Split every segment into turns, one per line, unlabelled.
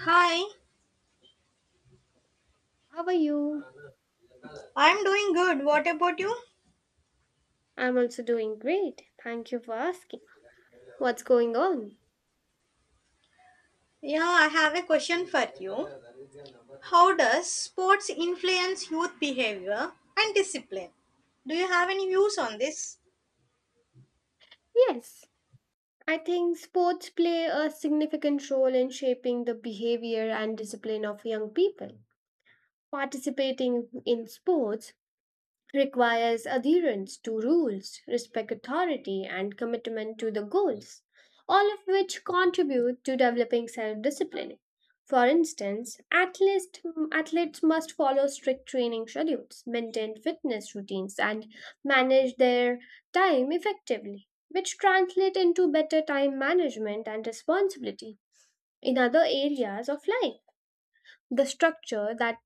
Hi,
How are you?
I'm doing good. What about you?
I'm also doing great. Thank you for asking. What's going on?
Yeah, I have a question for you. How does sports influence youth behavior and discipline? Do you have any views on this?
Yes, I think sports play a significant role in shaping the behavior and discipline of young people. Participating in sports requires adherence to rules, respect authority, and commitment to the goals, all of which contribute to developing self discipline. For instance, athletes must follow strict training schedules, maintain fitness routines, and manage their time effectively, which translate into better time management and responsibility in other areas of life. The structure that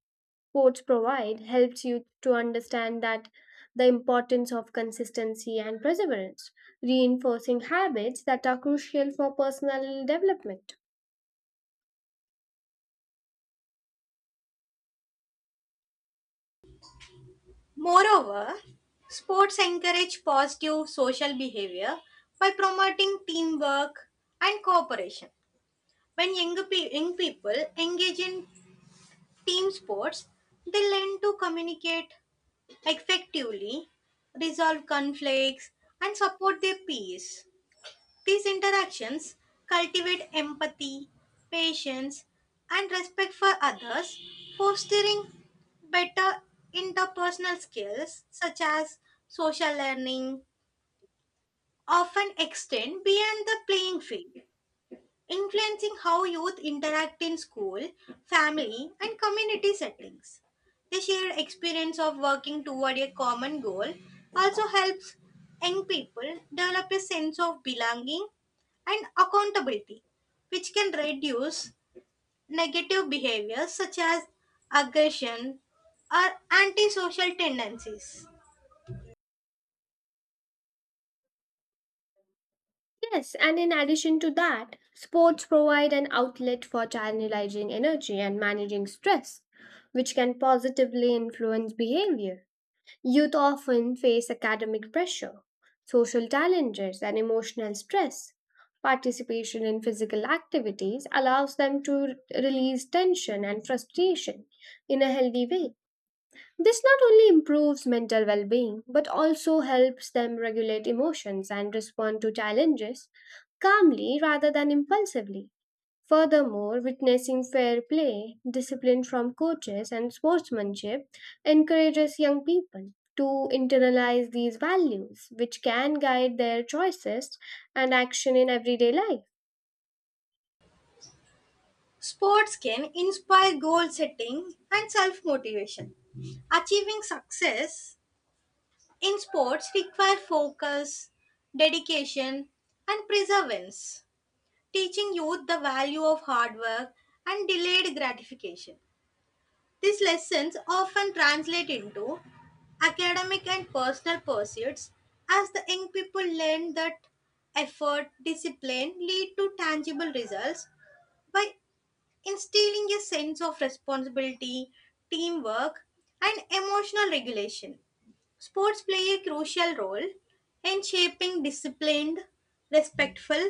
sports provide helps you to understand that the importance of consistency and perseverance, reinforcing habits that are crucial for personal development.
Moreover, sports encourage positive social behavior by promoting teamwork and cooperation. When young people engage in team sports, they learn to communicate effectively, resolve conflicts, and support their peers. These interactions cultivate empathy, patience, and respect for others, fostering better interpersonal skills such as social learning, often extend beyond the playing field influencing how youth interact in school, family, and community settings. The shared experience of working toward a common goal also helps young people develop a sense of belonging and accountability, which can reduce negative behaviors such as aggression or antisocial tendencies.
Yes, and in addition to that, sports provide an outlet for channelizing energy and managing stress, which can positively influence behavior. Youth often face academic pressure, social challenges, and emotional stress. Participation in physical activities allows them to release tension and frustration in a healthy way. This not only improves mental well being but also helps them regulate emotions and respond to challenges calmly rather than impulsively. Furthermore, witnessing fair play, discipline from coaches, and sportsmanship encourages young people to internalize these values, which can guide their choices and action in everyday life.
Sports can inspire goal setting and self motivation. Achieving success in sports require focus, dedication, and perseverance, teaching youth the value of hard work and delayed gratification. These lessons often translate into academic and personal pursuits as the young people learn that effort, discipline lead to tangible results by instilling a sense of responsibility, teamwork, and emotional regulation. Sports play a crucial role in shaping disciplined, respectful,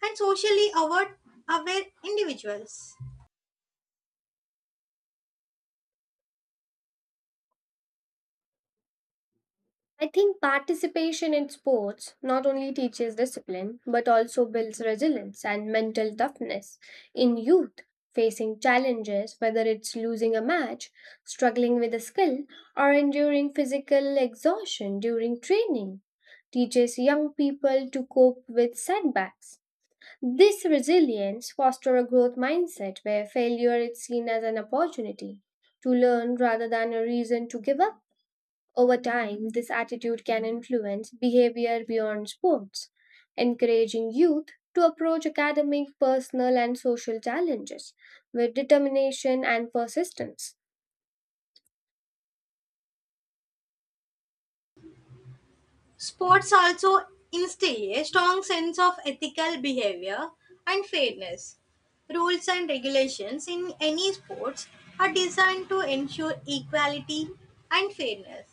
and aware individuals.
I think participation in sports not only teaches discipline but also builds resilience and mental toughness. In youth, facing challenges, whether it's losing a match, struggling with a skill, or enduring physical exhaustion during training, teaches young people to cope with setbacks. This resilience fosters a growth mindset where failure is seen as an opportunity to learn rather than a reason to give up. Over time, this attitude can influence behavior beyond sports, encouraging youth to approach academic, personal, and social challenges with determination and persistence.
Sports also instill a strong sense of ethical behavior and fairness. Rules and regulations in any sports are designed to ensure equality and fairness.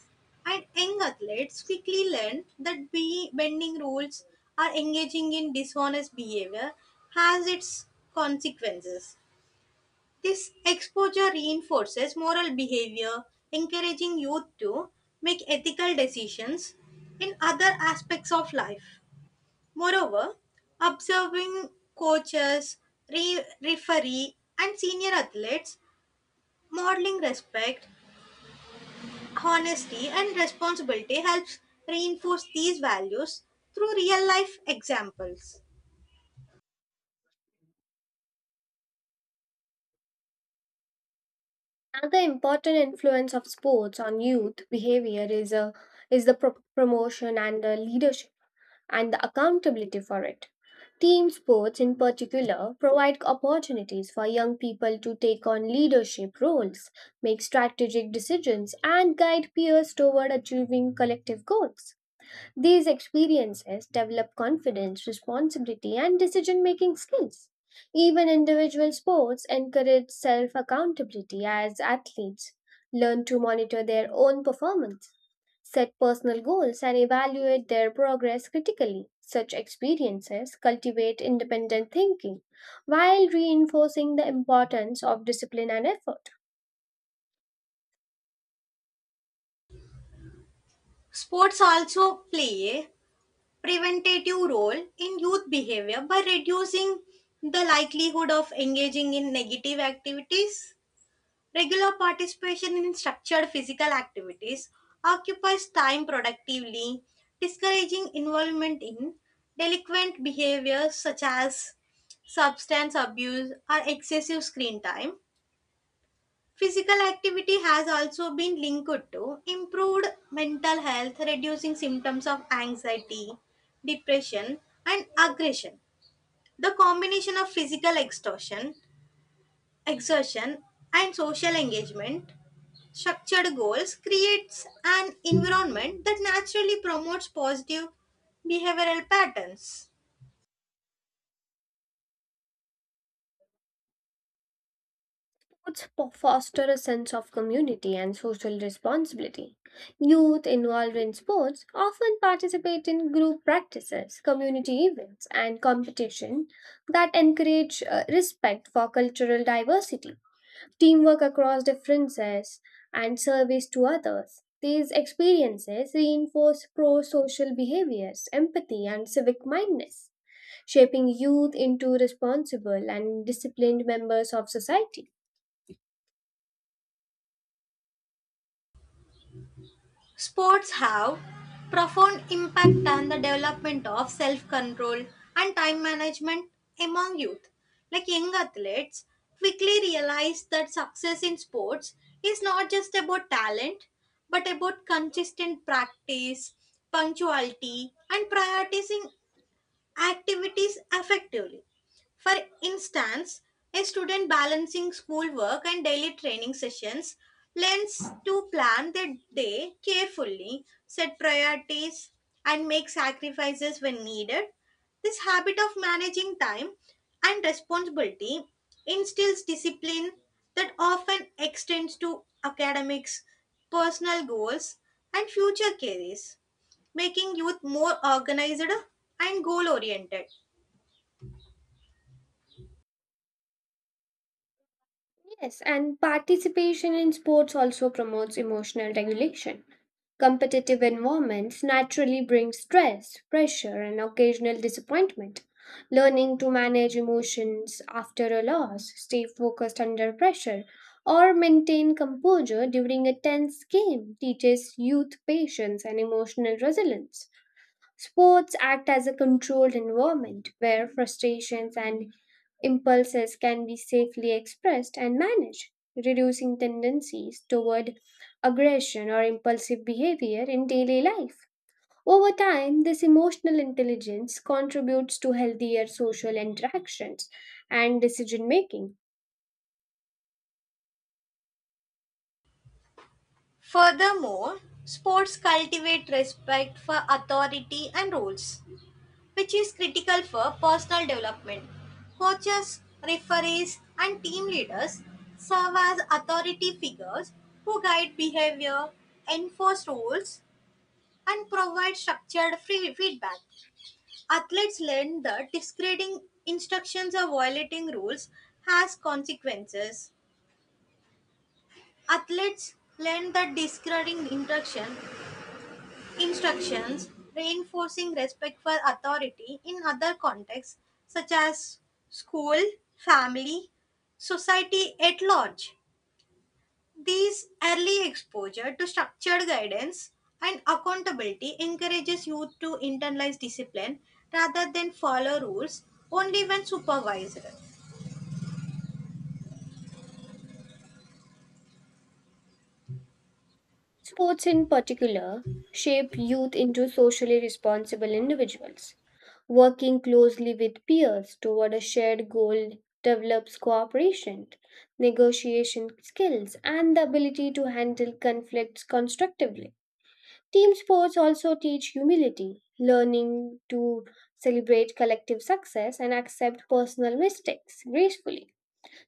And young athletes quickly learn that bending rules or engaging in dishonest behavior has its consequences. This exposure reinforces moral behavior, encouraging youth to make ethical decisions in other aspects of life. Moreover, observing coaches, referee, and senior athletes modeling respect, honesty, and responsibility helps reinforce these values through real life examples.
Another important influence of sports on youth behavior is the promotion and the leadership, and the accountability for it. Team sports, in particular, provide opportunities for young people to take on leadership roles, make strategic decisions, and guide peers toward achieving collective goals. These experiences develop confidence, responsibility, and decision making skills. Even individual sports encourage self accountability as athletes learn to monitor their own performance, set personal goals, and evaluate their progress critically. Such experiences cultivate independent thinking while reinforcing the importance of discipline and effort.
Sports also play a preventative role in youth behavior by reducing the likelihood of engaging in negative activities. Regular participation in structured physical activities occupies time productively, discouraging involvement in delinquent behaviors such as substance abuse or excessive screen time. Physical activity has also been linked to improved mental health, reducing symptoms of anxiety, depression, and aggression. The combination of exertion, and social engagement, structured goals, creates an environment that naturally promotes positive behavioral patterns.
Foster a sense of community and social responsibility. Youth involved in sports often participate in group practices, community events, and competition that encourage respect for cultural diversity, teamwork across differences, and service to others. These experiences reinforce pro social behaviors, empathy, and civic mindedness, shaping youth into responsible and disciplined members of society.
Sports have profound impact on the development of self-control and time management among youth. Like young athletes quickly realize that success in sports is not just about talent but about consistent practice, punctuality and prioritizing activities effectively. For instance, a student balancing schoolwork and daily training sessions learns to plan their day carefully, set priorities, and make sacrifices when needed. This habit of managing time and responsibility instills discipline that often extends to academics, personal goals, and future careers making youth more organized and goal oriented.
Yes, and participation in sports also promotes emotional regulation. Competitive environments naturally bring stress, pressure, and occasional disappointment. Learning to manage emotions after a loss, stay focused under pressure, or maintain composure during a tense game teaches youth patience and emotional resilience. Sports act as a controlled environment where frustrations and impulses can be safely expressed and managed, reducing tendencies toward aggression or impulsive behavior in daily life. Over time, this emotional intelligence contributes to healthier social interactions and decision making.
Furthermore, sports cultivate respect for authority and rules, which is critical for personal development. Coaches, referees, and team leaders serve as authority figures who guide behavior, enforce rules, and provide structured free feedback. Athletes learn that discreting instructions or violating rules has consequences. Athletes learn the discouraging instructions, reinforcing respect for authority in other contexts such as school, family, society at large. These early exposure to structured guidance and accountability encourages youth to internalize discipline rather than follow rules only when supervised.
Sports, in particular, shape youth into socially responsible individuals. Working closely with peers toward a shared goal develops cooperation, negotiation skills, and the ability to handle conflicts constructively. Team sports also teach humility, learning to celebrate collective success and accept personal mistakes gracefully.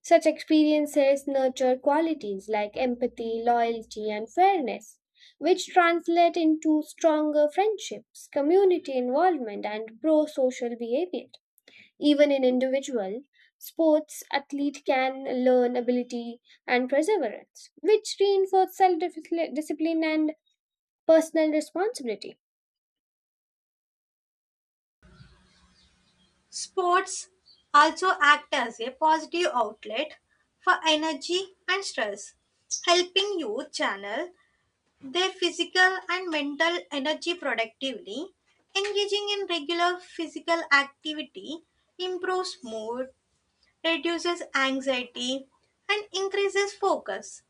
Such experiences nurture qualities like empathy, loyalty, and fairness, which translate into stronger friendships, community involvement, and pro social behavior. Even in individual, sports athlete can learn ability and perseverance, which reinforce self discipline and personal responsibility.
Sports also act as a positive outlet for energy and stress, helping youth channel their physical and mental energy productively. Engaging in regular physical activity improves mood, reduces anxiety, and increases focus,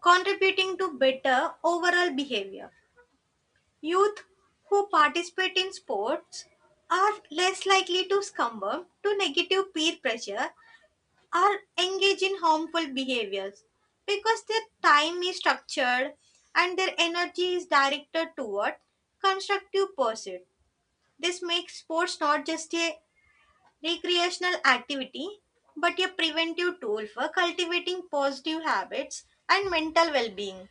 contributing to better overall behavior. Youth who participate in sports are less likely to succumb to negative peer pressure or engage in harmful behaviors because their time is structured and their energy is directed toward constructive pursuit. This makes sports not just a recreational activity but a preventive tool for cultivating positive habits and mental well being.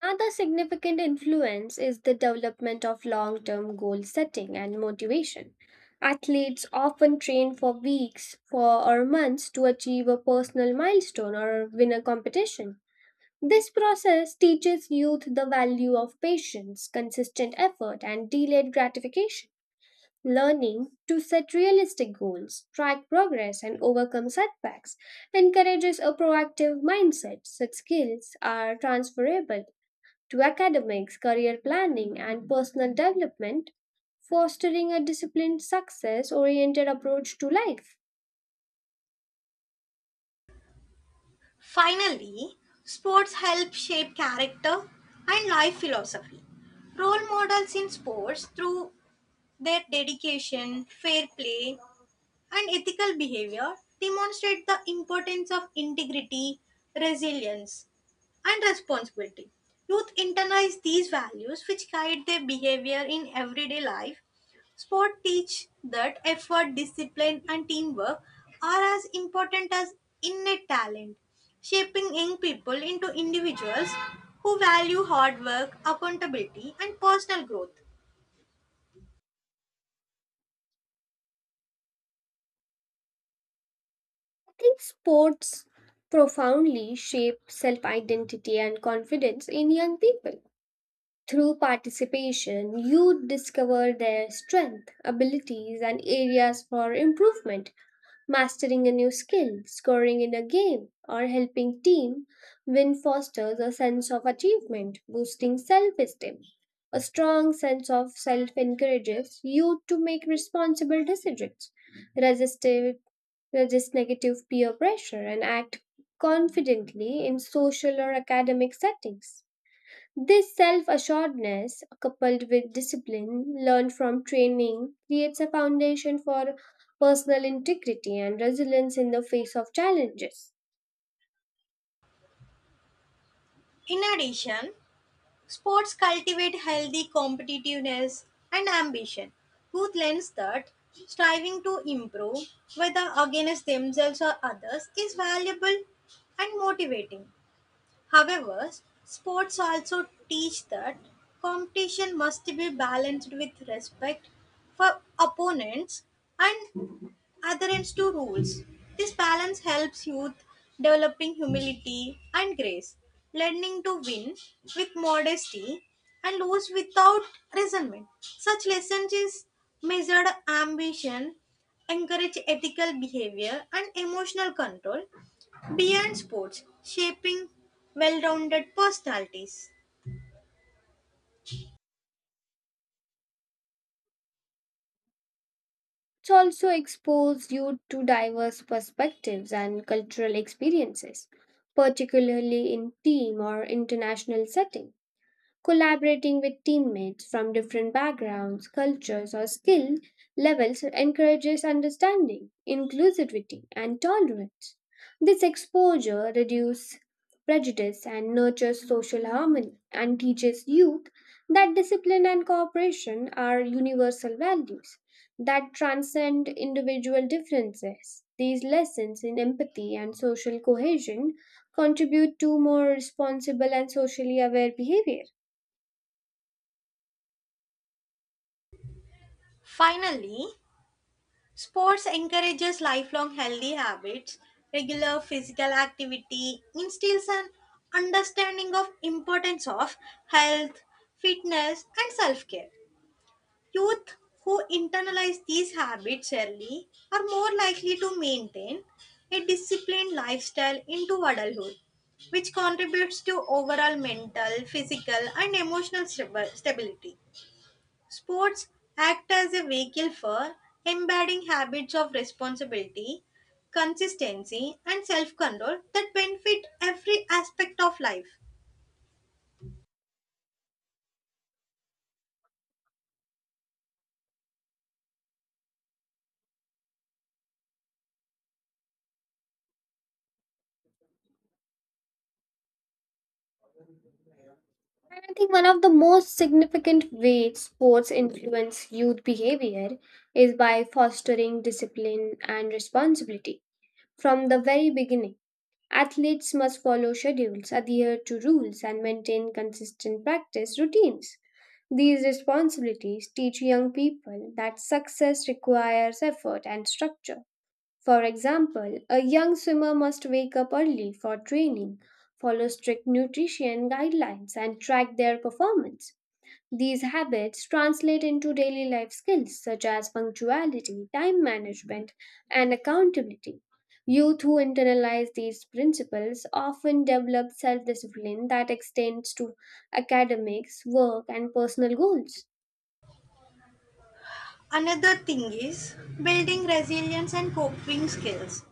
Another significant influence is the development of long term goal setting and motivation. Athletes often train for weeks for, or months to achieve a personal milestone or win a competition. This process teaches youth the value of patience, consistent effort, and delayed gratification. Learning to set realistic goals, track progress, and overcome setbacks encourages a proactive mindset. Such skills are transferable to academics, career planning, and personal development, fostering a disciplined, success oriented approach to life.
Finally, sports help shape character and life philosophy. Role models in sports through their dedication, fair play, and ethical behavior demonstrate the importance of integrity, resilience, and responsibility. Youth internalize these values which guide their behavior in everyday life. Sport teach that effort, discipline, and teamwork are as important as innate talent, shaping young people into individuals who value hard work, accountability, and personal growth.
I think sports profoundly shape self identity and confidence in young people. Through participation, youth discover their strength, abilities, and areas for improvement. Mastering a new skill, scoring in a game, or helping team win fosters a sense of achievement, boosting self-esteem. A strong sense of self encourages you to make responsible decisions, resistive, resist negative peer pressure, and act confidently in social or academic settings. This self assuredness, coupled with discipline learned from training, creates a foundation for personal integrity and resilience in the face of challenges.
In addition, sports cultivate healthy competitiveness and ambition. Youth learns that striving to improve, whether against themselves or others, is valuable and motivating. However, sports also teach that competition must be balanced with respect for opponents and adherence to rules. This balance helps youth developing humility and grace, learning to win with modesty and lose without resentment. Such lessons is measured ambition, encourage ethical behavior and emotional control beyond sports, shaping well-rounded personalities.
It also exposes you to diverse perspectives and cultural experiences, particularly in team or international settings. Collaborating with teammates from different backgrounds, cultures, or skill levels encourages understanding, inclusivity, and tolerance. This exposure reduces prejudice and nurtures social harmony and teaches youth that discipline and cooperation are universal values that transcend individual differences. These lessons in empathy and social cohesion contribute to more responsible and socially aware behavior.
Finally, sports encourages lifelong healthy habits, regular physical activity, instills an understanding of importance of health, fitness and self-care. Youth who internalize these habits early are more likely to maintain a disciplined lifestyle into adulthood, which contributes to overall mental, physical and emotional stability. Sports act as a vehicle for embedding habits of responsibility, consistency, and self control that benefit every aspect of life.
And I think one of the most significant ways sports influence youth behavior is by fostering discipline and responsibility. From the very beginning, athletes must follow schedules, adhere to rules, and maintain consistent practice routines. These responsibilities teach young people that success requires effort and structure. For example, a young swimmer must wake up early for training, follow strict nutrition guidelines, and track their performance. These habits translate into daily life skills such as punctuality, time management, and accountability. Youth who internalize these principles often develop self discipline that extends to academics, work, and personal goals.
Another thing is building resilience and coping skills.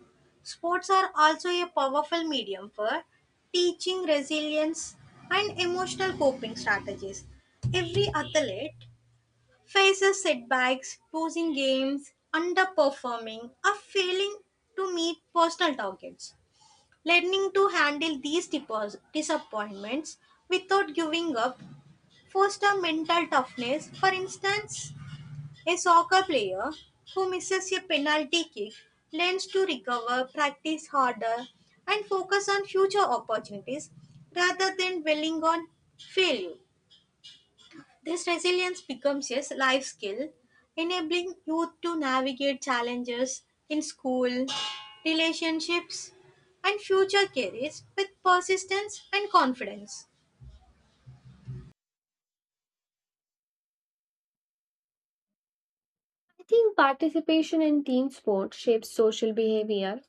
Sports are also a powerful medium for teaching resilience and emotional coping strategies. Every athlete faces setbacks, losing games, underperforming, or failing to meet personal targets. Learning to handle these disappointments without giving up fosters mental toughness. For instance, a soccer player who misses a penalty kick learns to recover, practice harder, and focus on future opportunities rather than dwelling on failure. This resilience becomes a life skill, enabling youth to navigate challenges in school, relationships, and future careers with persistence and confidence.
I think participation in team sports shapes social behavior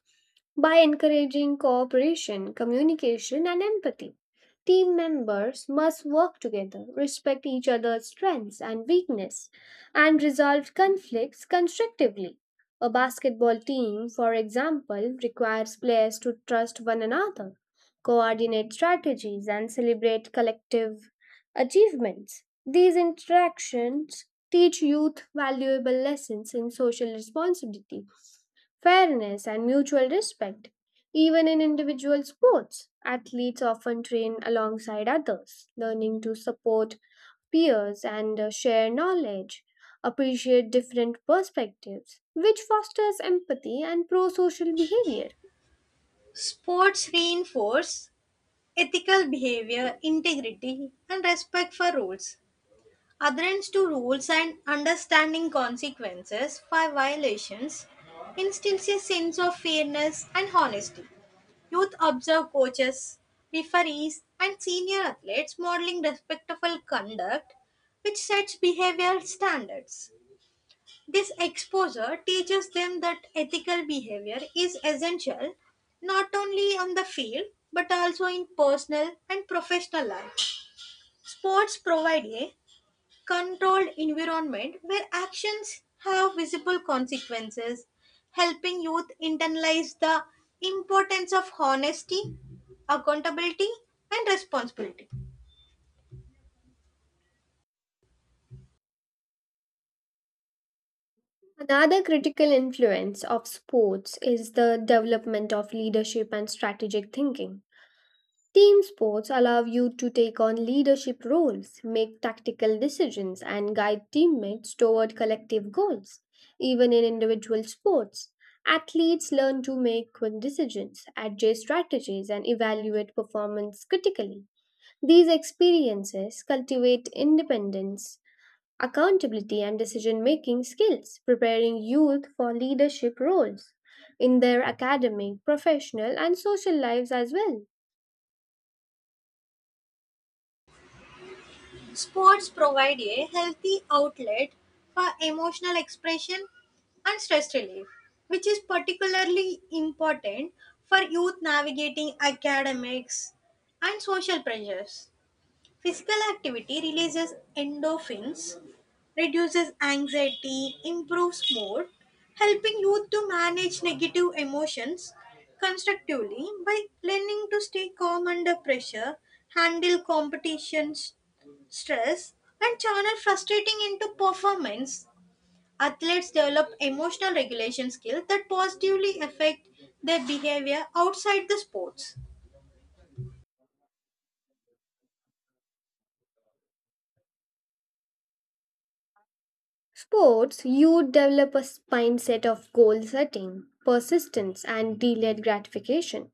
by encouraging cooperation, communication, and empathy. Team members must work together, respect each other's strengths and weakness, and resolve conflicts constructively. A basketball team, for example, requires players to trust one another, coordinate strategies, and celebrate collective achievements. These interactions teach youth valuable lessons in social responsibility, fairness, and mutual respect. Even in individual sports, athletes often train alongside others, learning to support peers and share knowledge, appreciate different perspectives, which fosters empathy and pro social behavior.
Sports reinforce ethical behavior, integrity, and respect for rules. Adherence to rules and understanding consequences for violations instills a sense of fairness and honesty. Youth observe coaches, referees, and senior athletes modeling respectful conduct, which sets behavioral standards. This exposure teaches them that ethical behavior is essential not only on the field but also in personal and professional life. Sports provide a controlled environment where actions have visible consequences, helping youth internalize the importance of honesty, accountability, and responsibility.
Another critical influence of sports is the development of leadership and strategic thinking. Team sports allow you to take on leadership roles, make tactical decisions, and guide teammates toward collective goals. Even in individual sports, athletes learn to make quick decisions, adjust strategies, and evaluate performance critically. These experiences cultivate independence, accountability, and decision making skills, preparing youth for leadership roles in their academic, professional, and social lives as well.
Sports provide a healthy outlet for emotional expression and stress relief, which is particularly important for youth navigating academics and social pressures. Physical activity releases endorphins, reduces anxiety, improves mood, helping youth to manage negative emotions constructively by learning to stay calm under pressure, handle competitions, stress, and channel frustrating into performance. Athletes develop emotional regulation skills that positively affect their behavior outside the sports.
Sports, you develop a mindset of goal setting, persistence, and delayed gratification.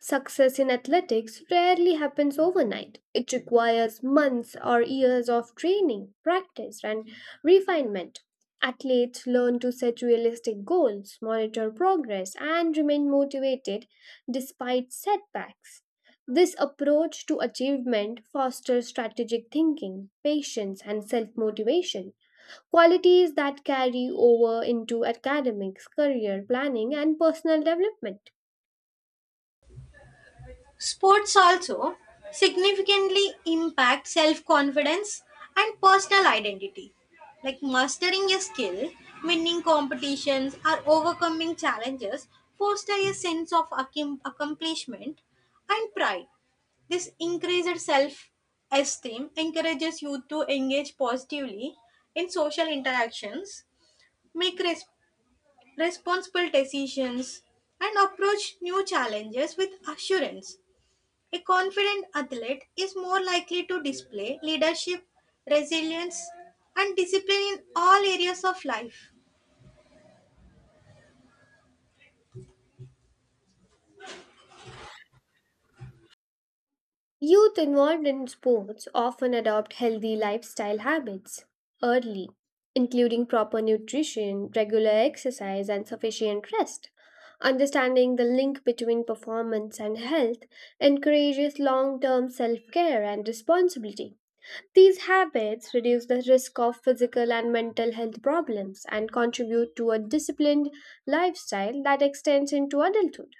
Success in athletics rarely happens overnight. It requires months or years of training, practice, and refinement. Athletes learn to set realistic goals, monitor progress, and remain motivated despite setbacks. This approach to achievement fosters strategic thinking, patience, and self motivation qualities that carry over into academics, career planning, and personal development.
Sports also significantly impact self confidence and personal identity. Like mastering a skill, winning competitions, or overcoming challenges foster a sense of accomplishment and pride. This increased self esteem encourages youth to engage positively in social interactions, make responsible decisions, and approach new challenges with assurance. A confident athlete is more likely to display leadership, resilience, and discipline in all areas of life.
Youth involved in sports often adopt healthy lifestyle habits early, including proper nutrition, regular exercise, and sufficient rest. Understanding the link between performance and health encourages long term self care and responsibility. These habits reduce the risk of physical and mental health problems and contribute to a disciplined lifestyle that extends into adulthood.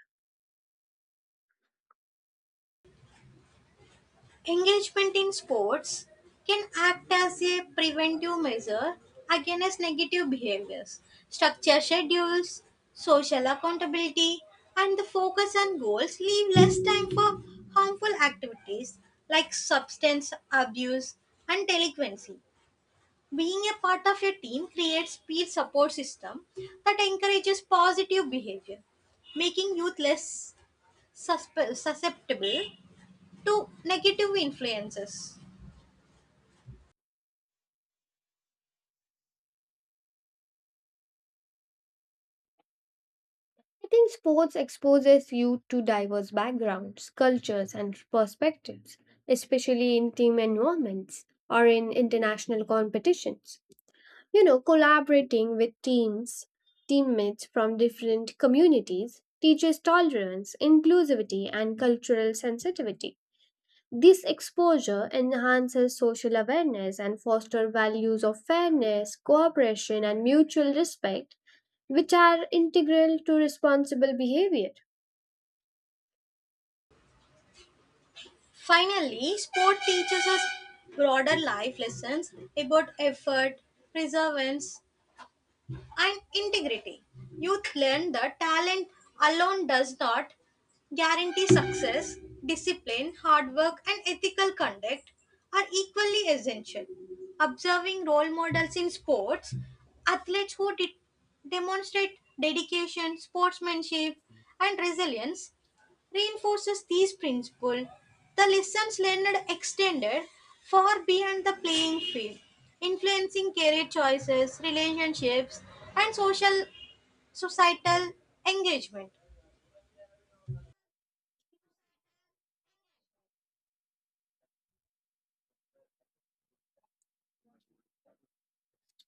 Engagement in sports can act as a preventive measure against negative behaviors. Structure schedules, social accountability, and the focus on goals leave less time for harmful activities like substance abuse and delinquency. Being a part of a team creates peer support system that encourages positive behavior, making youth less susceptible to negative influences.
I think sports exposes you to diverse backgrounds, cultures, and perspectives, especially in team environments or in international competitions. You know, collaborating with teammates from different communities teaches tolerance, inclusivity, and cultural sensitivity. This exposure enhances social awareness and fosters values of fairness, cooperation, and mutual respect, which are integral to responsible behavior.
Finally, sport teaches us broader life lessons about effort, perseverance, and integrity. Youth learn that talent alone does not guarantee success, discipline, hard work, and ethical conduct are equally essential. Observing role models in sports, athletes who demonstrate dedication, sportsmanship, and resilience reinforces these principles. The lessons Leonard extended far beyond the playing field, influencing career choices, relationships, and social societal engagement.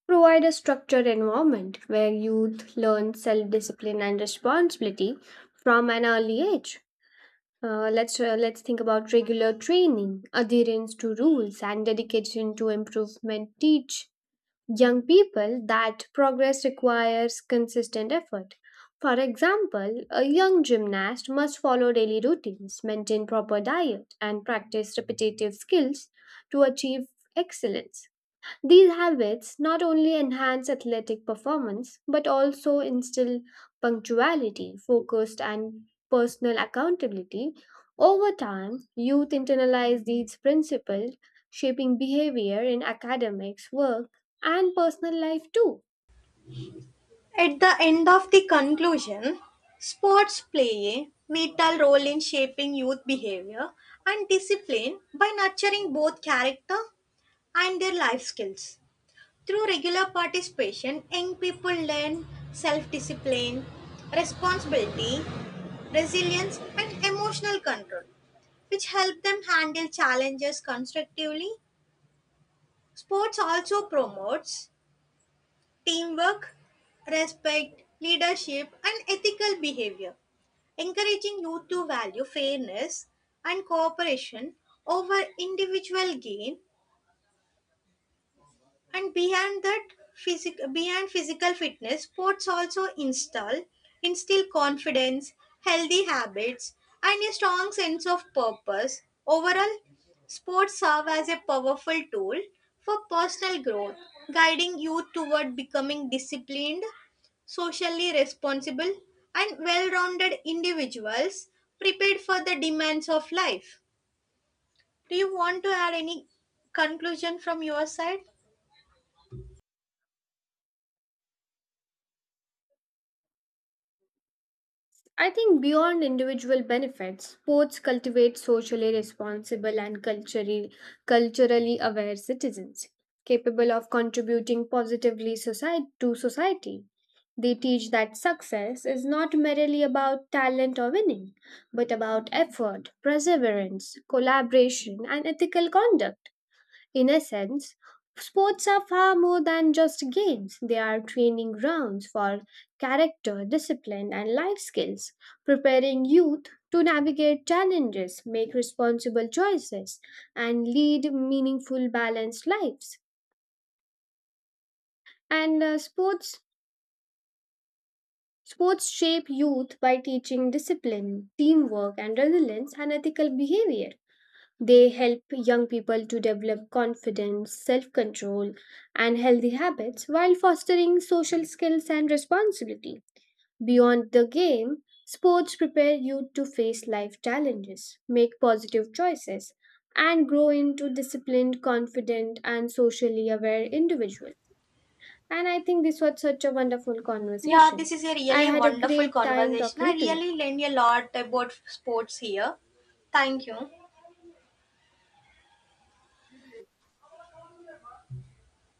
Provide a structured environment where youth learn self discipline and responsibility from an early age. Let's think about regular training, adherence to rules, and dedication to improvement. Teach young people that progress requires consistent effort. For example, a young gymnast must follow daily routines, maintain proper diet, and practice repetitive skills to achieve excellence. These habits not only enhance athletic performance but also instill punctuality, focused, and personal accountability. Over time, youth internalize these principles, shaping behavior in academics, work, and personal life too.
At the end of the conclusion, sports play a vital role in shaping youth behavior and discipline by nurturing both character and their life skills. Through regular participation, young people learn self discipline, responsibility, resilience, and emotional control, which help them handle challenges constructively. Sports also promotes teamwork, respect, leadership, and ethical behavior, encouraging youth to value fairness and cooperation over individual gain. And behind that, behind physical fitness, sports also instill confidence, healthy habits, and a strong sense of purpose. Overall, sports serve as a powerful tool for personal growth, guiding youth toward becoming disciplined, socially responsible, and well rounded individuals prepared for the demands of life. Do you want to add any conclusion from your side?
I think beyond individual benefits, sports cultivate socially responsible and culturally aware citizens, capable of contributing to society. They teach that success is not merely about talent or winning, but about effort, perseverance, collaboration, and ethical conduct. In essence, sports are far more than just games. They are training grounds for character, discipline, and life skills, preparing youth to navigate challenges, make responsible choices, and lead meaningful, balanced lives. And sports shape youth by teaching discipline, teamwork, and resilience and ethical behavior. They help young people to develop confidence, self control, and healthy habits while fostering social skills and responsibility. Beyond the game, sports prepare youth to face life challenges, make positive choices, and grow into disciplined, confident, and socially aware individuals. And I think this was such a wonderful
Yeah,
conversation.
this is a
I
really
had a
wonderful
great time
conversation. I
talking to you.
really learned a lot about sports here. Thank you.